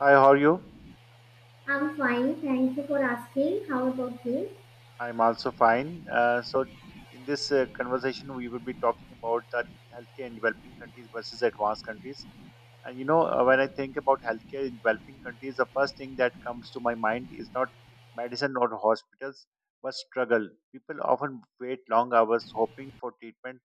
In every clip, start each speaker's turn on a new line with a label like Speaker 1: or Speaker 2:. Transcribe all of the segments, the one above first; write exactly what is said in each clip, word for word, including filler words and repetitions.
Speaker 1: Hi, how are you?
Speaker 2: I'm fine, thank you for asking. How about you?
Speaker 1: I'm also fine. Uh, so, in this uh, conversation, we will be talking about that healthcare in developing countries versus advanced countries. And you know, uh, when I think about healthcare in developing countries, the first thing that comes to my mind is not medicine or hospitals, but struggle. People often wait long hours hoping for treatment.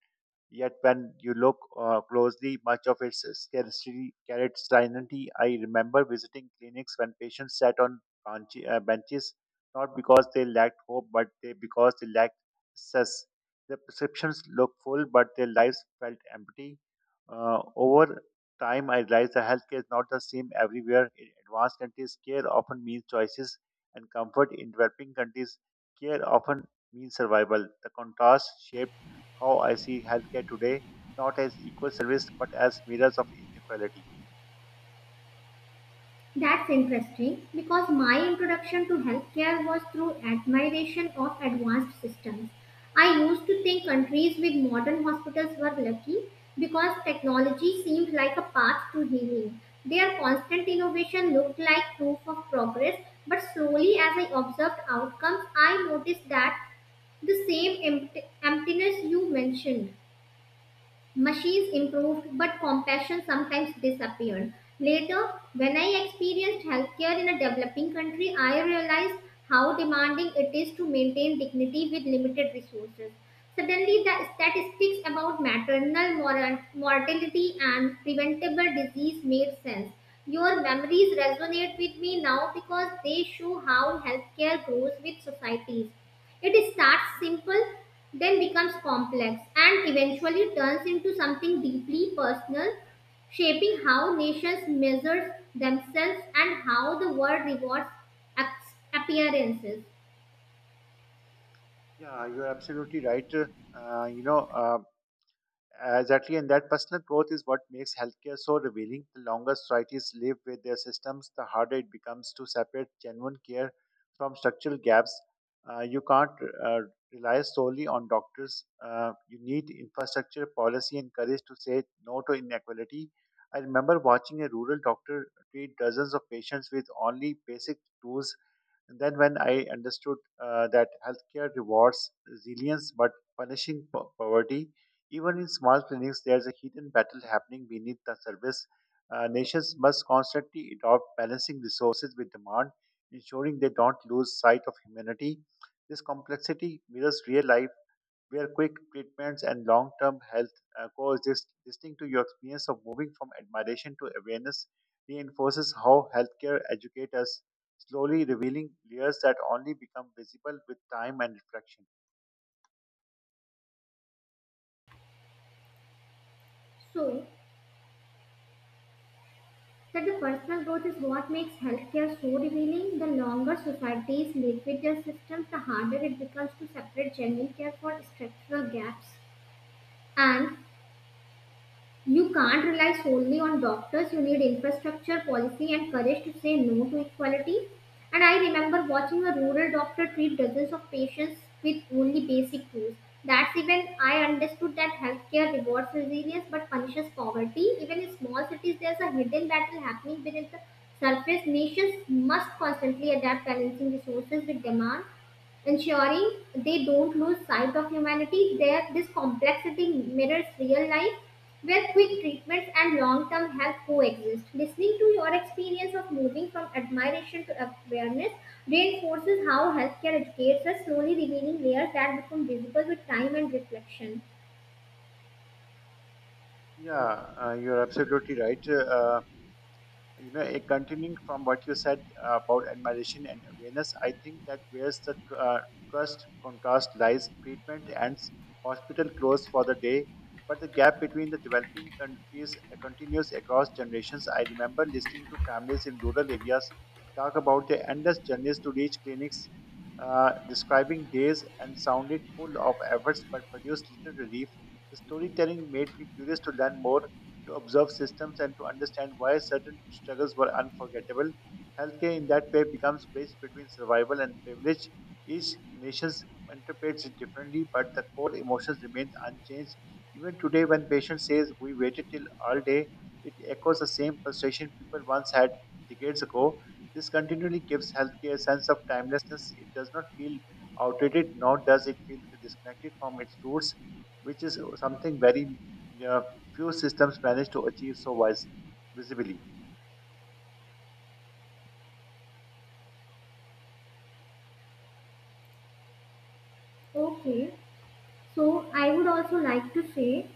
Speaker 1: Yet when you look uh, closely, much of its scarcity carried sanity. I remember visiting clinics when patients sat on branch- uh, benches, not because they lacked hope, but they because they lacked access. Their prescriptions looked full, but their lives felt empty. Uh, over time, I realized that healthcare is not the same everywhere. In advanced countries, care often means choices and comfort. In developing countries, care often means survival. The contrast shaped how I see healthcare today, not as equal service, but as mirrors of inequality.
Speaker 2: That's interesting because my introduction to healthcare was through admiration of advanced systems. I used to think countries with modern hospitals were lucky because technology seemed like a path to healing. Their constant innovation looked like proof of progress, but slowly as I observed outcomes, I noticed that the same empt- emptiness you mentioned. Machines improved, but compassion sometimes disappeared. Later, when I experienced healthcare in a developing country, I realized how demanding it is to maintain dignity with limited resources. Suddenly, the statistics about maternal mor- mortality and preventable disease made sense. Your memories resonate with me now because they show how healthcare grows with societies. It starts simple, then becomes complex, and eventually turns into something deeply personal, shaping how nations measure themselves and how the world rewards ap- appearances.
Speaker 1: Yeah, you're absolutely right. Uh, you know, uh, Exactly, and that personal growth is what makes healthcare so revealing. The longer societies live with their systems, the harder it becomes to separate genuine care from structural gaps. Uh, you can't uh, rely solely on doctors. Uh, you need infrastructure, policy, and courage to say no to inequality. I remember watching a rural doctor treat dozens of patients with only basic tools, and then when I understood uh, that healthcare rewards resilience but punishing po- poverty, even in small clinics, there's a hidden battle happening beneath the surface. Uh, nations must constantly adopt balancing resources with demand, ensuring they don't lose sight of humanity. This complexity mirrors real life where quick treatments and long term health uh, coexist. Listening to your experience of moving from admiration to awareness reinforces how healthcare educates us, slowly revealing layers that only become visible with time and reflection.
Speaker 2: So, that the personal growth is what makes healthcare so revealing. The longer societies live with their systems, the harder it becomes to separate genuine care for structural gaps. And you can't rely solely on doctors. You need infrastructure, policy, and courage to say no to equality. And I remember watching a rural doctor treat dozens of patients with only basic tools. That's even I understood that healthcare rewards resilience but punishes poverty. Even in small cities, there's a hidden battle happening beneath the surface. Nations must constantly adapt balancing resources with demand, ensuring they don't lose sight of humanity. There, this complexity mirrors real life, where quick treatments and long-term help coexist. Listening to your experience of moving from admiration to awareness reinforces how healthcare educates us, slowly revealing layers that become visible with time and reflection.
Speaker 1: Yeah, uh, you're absolutely right. Uh, you know, eh, continuing from what you said uh, about admiration and awareness, I think that where's the tr- uh, trust contrast lies, treatment ends, hospital closed for the day, but the gap between the developing countries uh, continues across generations. I remember listening to families in rural areas talk about their endless journeys to reach clinics, uh, describing days and sounded full of efforts but produced little relief. The storytelling made me curious to learn more, to observe systems and to understand why certain struggles were unforgettable. Healthcare in that way becomes bridge between survival and privilege. Each nation interprets it differently, but the core emotions remain unchanged. Even today, when patient says we waited till all day, it echoes the same frustration people once had decades ago. This continually gives healthcare a sense of timelessness. It does not feel outdated, nor does it feel disconnected from its roots, which is something very uh, few systems manage to achieve so vis- visibly.
Speaker 2: Okay, so I would also like to say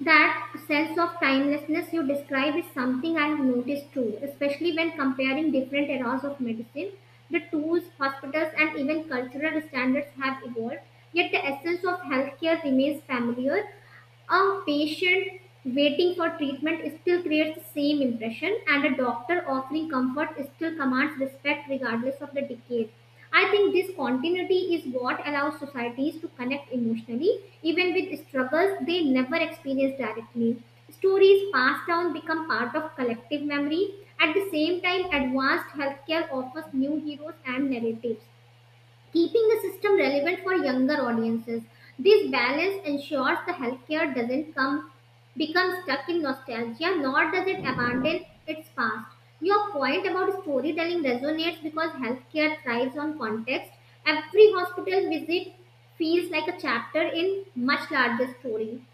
Speaker 2: that sense of timelessness you describe is something I have noticed too, especially when comparing different eras of medicine. The tools, hospitals, and even cultural standards have evolved, yet the essence of healthcare remains familiar. A patient waiting for treatment still creates the same impression, and a doctor offering comfort still commands respect regardless of the decade. I think this continuity is what allows societies to connect emotionally, even with struggles they never experience directly. Stories passed down become part of collective memory. At the same time, advanced healthcare offers new heroes and narratives keeping the system relevant for younger audiences. This balance ensures the healthcare doesn't come become stuck in nostalgia, nor does it abandon its past. Your point about storytelling resonates because healthcare thrives on context. Every hospital visit feels like a chapter in much larger story,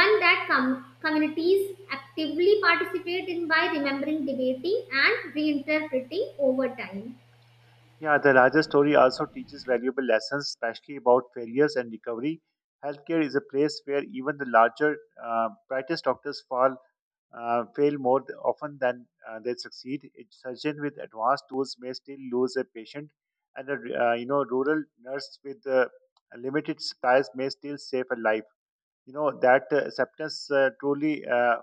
Speaker 2: one that com- communities actively participate in by remembering, debating, and reinterpreting over time.
Speaker 1: Yeah, the larger story also teaches valuable lessons, especially about failures and recovery. Healthcare is a place where even the larger, uh, brightest doctors fall, uh, fail more th- often than uh, they succeed. A surgeon with advanced tools may still lose a patient, and a r- uh, you know rural nurse with uh, limited supplies may still save a life. You know that uh, acceptance uh, truly uh,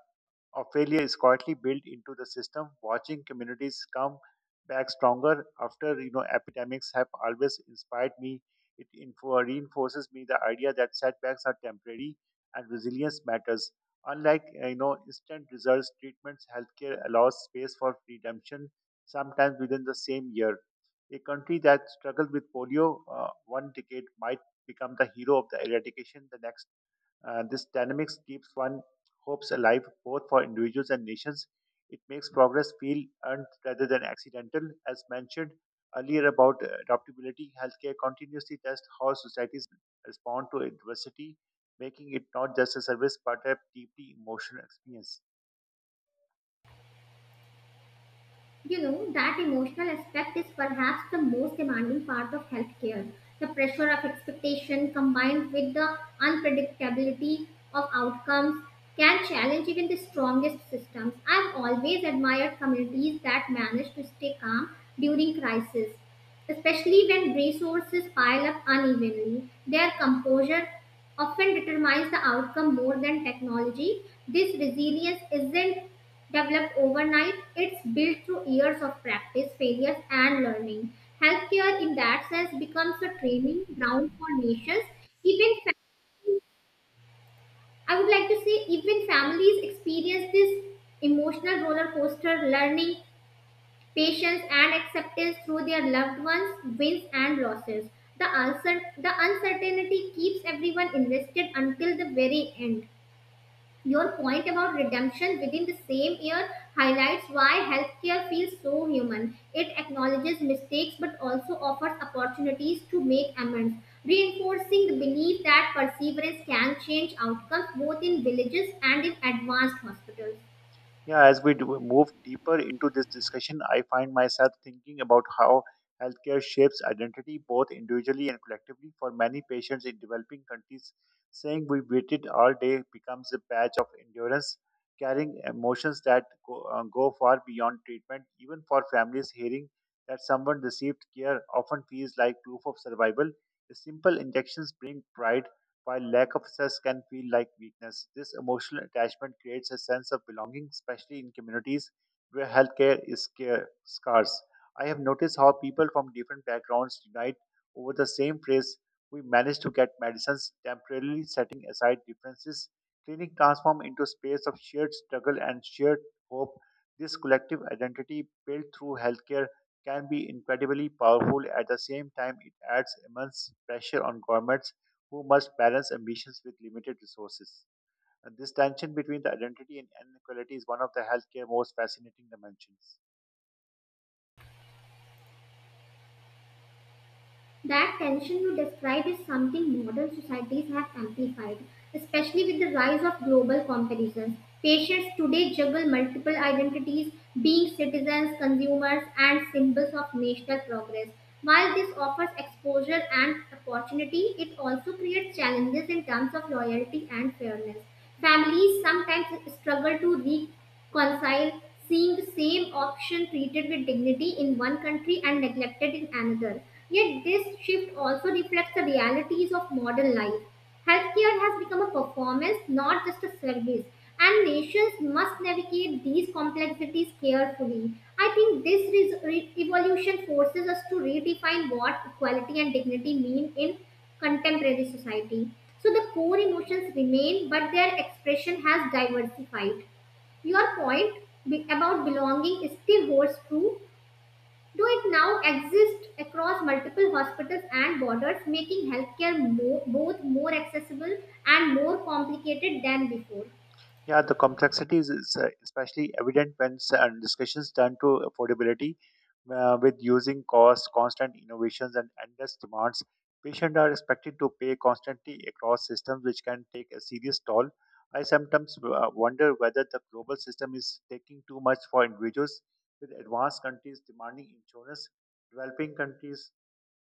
Speaker 1: of failure is quietly built into the system. Watching communities come back stronger after you know epidemics have always inspired me. It info- reinforces me the idea that setbacks are temporary and resilience matters. Unlike uh, you know instant results, treatments, healthcare allows space for redemption, sometimes within the same year. A country that struggled with polio uh, one decade might become the hero of the eradication the next uh, This dynamics keeps one hopes alive both for individuals and nations. It makes progress feel earned rather than accidental. As mentioned earlier about uh, adaptability, healthcare continuously tests how societies respond to adversity, making it not just a service but a deeply emotional experience.
Speaker 2: You know, that emotional aspect is perhaps the most demanding part of healthcare. The pressure of expectation combined with the unpredictability of outcomes can challenge even the strongest systems. I've always admired communities that manage to stay calm during crisis. Especially when resources pile up unevenly, their composure often determines the outcome more than technology. This resilience isn't developed overnight, it's built through years of practice, failures, and learning. Healthcare, in that sense, becomes a training ground for nations. Even fa- I would like to say, even families experience this emotional roller coaster learning patience and acceptance through their loved ones, wins and losses. The, uncer- the uncertainty keeps everyone invested until the very end. Your point about redemption within the same year highlights why healthcare feels so human. It acknowledges mistakes but also offers opportunities to make amends, reinforcing the belief that perseverance can change outcomes both in villages and in advanced hospitals.
Speaker 1: Yeah, as we do move deeper into this discussion, I find myself thinking about how healthcare shapes identity both individually and collectively. For many patients in developing countries, saying we waited all day becomes a badge of endurance, carrying emotions that go, uh, go far beyond treatment. Even for families, hearing that someone received care often feels like proof of survival. The simple injections bring pride while lack of success can feel like weakness. This emotional attachment creates a sense of belonging, especially in communities where healthcare is scar- scarce. I have noticed how people from different backgrounds unite over the same phrase. We manage to get medicines temporarily setting aside differences. Clinic transform into a space of shared struggle and shared hope. This collective identity built through healthcare can be incredibly powerful. At the same time, it adds immense pressure on governments who must balance ambitions with limited resources. And this tension between the identity and inequality is one of the healthcare most fascinating dimensions.
Speaker 2: That tension you describe is something modern societies have amplified, especially with the rise of global competitions. Patients today juggle multiple identities, being citizens, consumers, and symbols of national progress. While this offers exposure and opportunity, it also creates challenges in terms of loyalty and fairness. Families sometimes struggle to Concile, seeing the same option treated with dignity in one country and neglected in another. Yet this shift also reflects the realities of modern life. Healthcare has become a performance, not just a service, and nations must navigate these complexities carefully. I think this res- re- evolution forces us to redefine what equality and dignity mean in contemporary society. So the core emotions remain, but their expression has diversified. Your point be- about belonging still holds true, though it now exists across multiple hospitals and borders, making healthcare more, both more accessible and more complicated than before.
Speaker 1: Yeah, the complexity is is, uh, especially evident when s- uh, discussions turn to affordability, uh, with using cost, constant innovations, and endless demands. Patients are expected to pay constantly across systems, which can take a serious toll. I sometimes uh, wonder whether the global system is taking too much for individuals, with advanced countries demanding insurance, developing countries,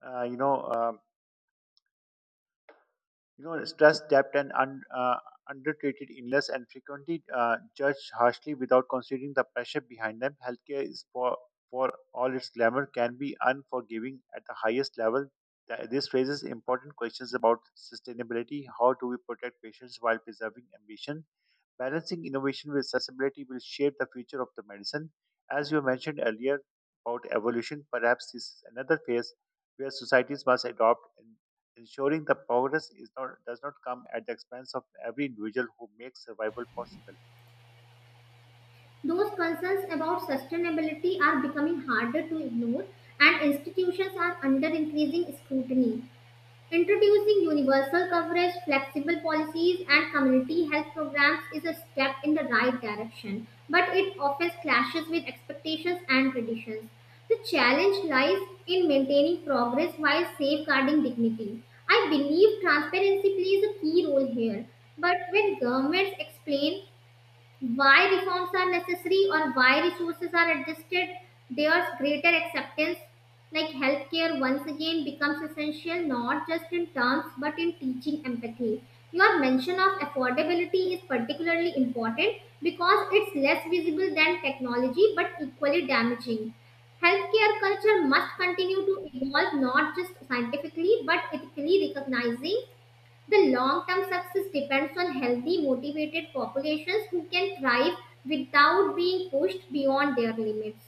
Speaker 1: uh, you know. Um, you know, stress, debt, and un, uh, undertreated illness, and frequently uh, judged harshly without considering the pressure behind them. Healthcare is for for all its glamour can be unforgiving at the highest level. Th- This raises important questions about sustainability. How do we protect patients while preserving ambition? Balancing innovation with accessibility will shape the future of the medicine. As you mentioned earlier about evolution, perhaps this is another phase where societies must adopt and ensuring the progress is not does not come at the expense of every individual who makes survival possible.
Speaker 2: Those concerns about sustainability are becoming harder to ignore, and institutions are under increasing scrutiny. Introducing universal coverage, flexible policies, and community health programs is a step in the right direction, but it often clashes with expectations and traditions. The challenge lies in maintaining progress while safeguarding dignity. I believe transparency plays a key role here, but when governments explain why reforms are necessary or why resources are adjusted, there's greater acceptance. Like healthcare once again becomes essential, not just in terms but in teaching empathy. Your mention of affordability is particularly important because it's less visible than technology but equally damaging. Healthcare culture must continue to evolve, not just scientifically but ethically, recognizing the long term success depends on healthy, motivated populations who can thrive without being pushed beyond their limits.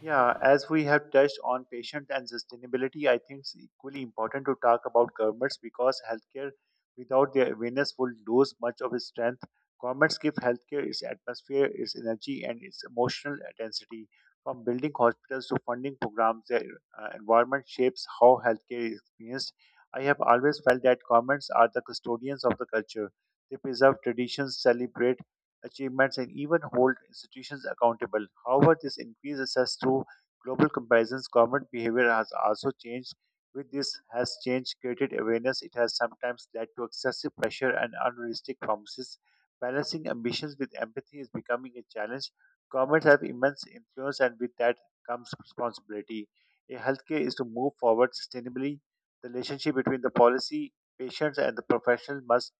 Speaker 1: Yeah, as we have touched on patient and sustainability, I think it's equally important to talk about governments because healthcare without their awareness will lose much of its strength. Governments give healthcare its atmosphere, its energy, and its emotional intensity. From building hospitals to funding programs, their uh, environment shapes how healthcare is experienced. I have always felt that governments are the custodians of the culture. They preserve traditions, celebrate achievements and even hold institutions accountable. However, this increased access through global comparisons, government behavior has also changed. With this has changed created awareness. It has sometimes led to excessive pressure and unrealistic promises. Balancing ambitions with empathy is becoming a challenge. Governments have immense influence, and with that comes responsibility. A healthcare is to move forward sustainably. The relationship between the policy, patients, and the professional must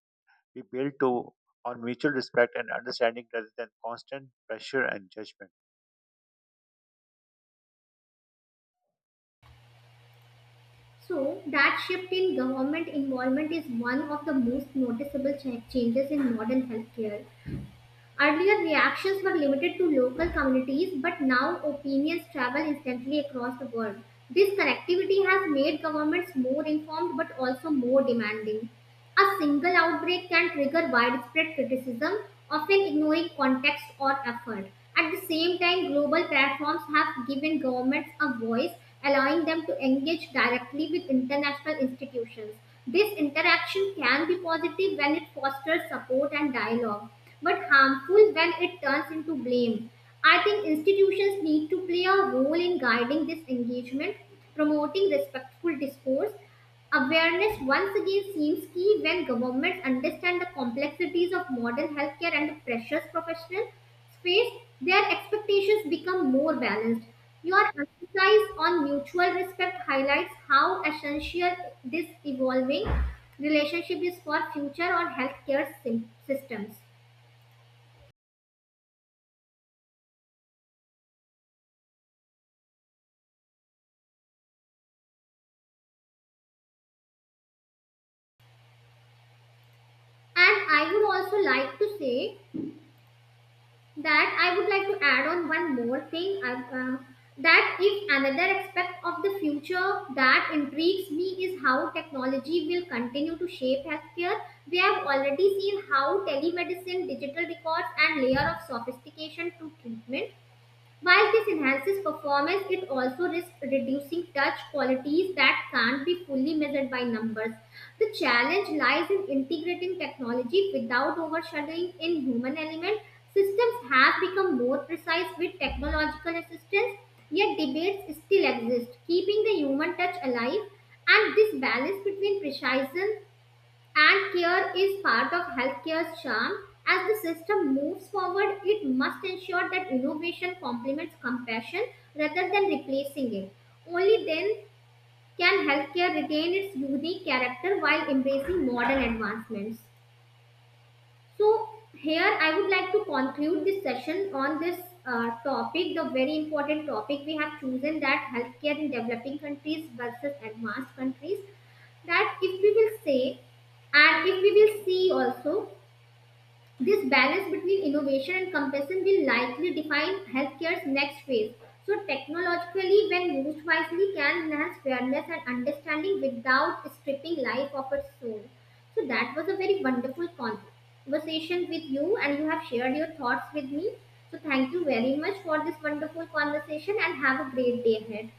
Speaker 1: be built to, on mutual respect and understanding rather than constant pressure and judgment.
Speaker 2: So, that shift in government involvement is one of the most noticeable cha- changes in modern healthcare. Earlier, reactions were limited to local communities, but now opinions travel instantly across the world. This connectivity has made governments more informed but also more demanding. A single outbreak can trigger widespread criticism, often ignoring context or effort. At the same time, global platforms have given governments a voice, allowing them to engage directly with international institutions. This interaction can be positive when it fosters support and dialogue, but harmful when it turns into blame. I think institutions need to play a role in guiding this engagement, promoting respectful discourse. Awareness once again seems key. When governments understand the complexities of modern healthcare and the precious professional space, their expectations become more balanced. Your emphasis on mutual respect highlights how essential this evolving relationship is for future or healthcare sym- systems. And I would also like to say that I would like to add on one more thing I, uh, um, that if another aspect of the future that intrigues me is how technology will continue to shape healthcare. We have already seen how telemedicine, digital records and layer of sophistication to treatment. While this enhances performance, it also risks reducing touch qualities that can't be fully measured by numbers. The challenge lies in integrating technology without overshadowing in human element. Systems have become more precise with technological assistance, yet debates still exist, keeping the human touch alive. And this balance between precision and care is part of healthcare's charm. As the system moves forward, it must ensure that innovation complements compassion rather than replacing it. Only then can healthcare retain its unique character while embracing modern advancements. So, here I would like to conclude this session on this uh, topic, the very important topic we have chosen, that healthcare in developing countries versus advanced countries. That if we will say, and if we will see also, this balance between innovation and compassion will likely define healthcare's next phase. So, technologically, when used wisely, can enhance fairness and understanding without stripping life of its soul. So, that was a very wonderful conversation with you, and you have shared your thoughts with me. So, thank you very much for this wonderful conversation, and have a great day ahead.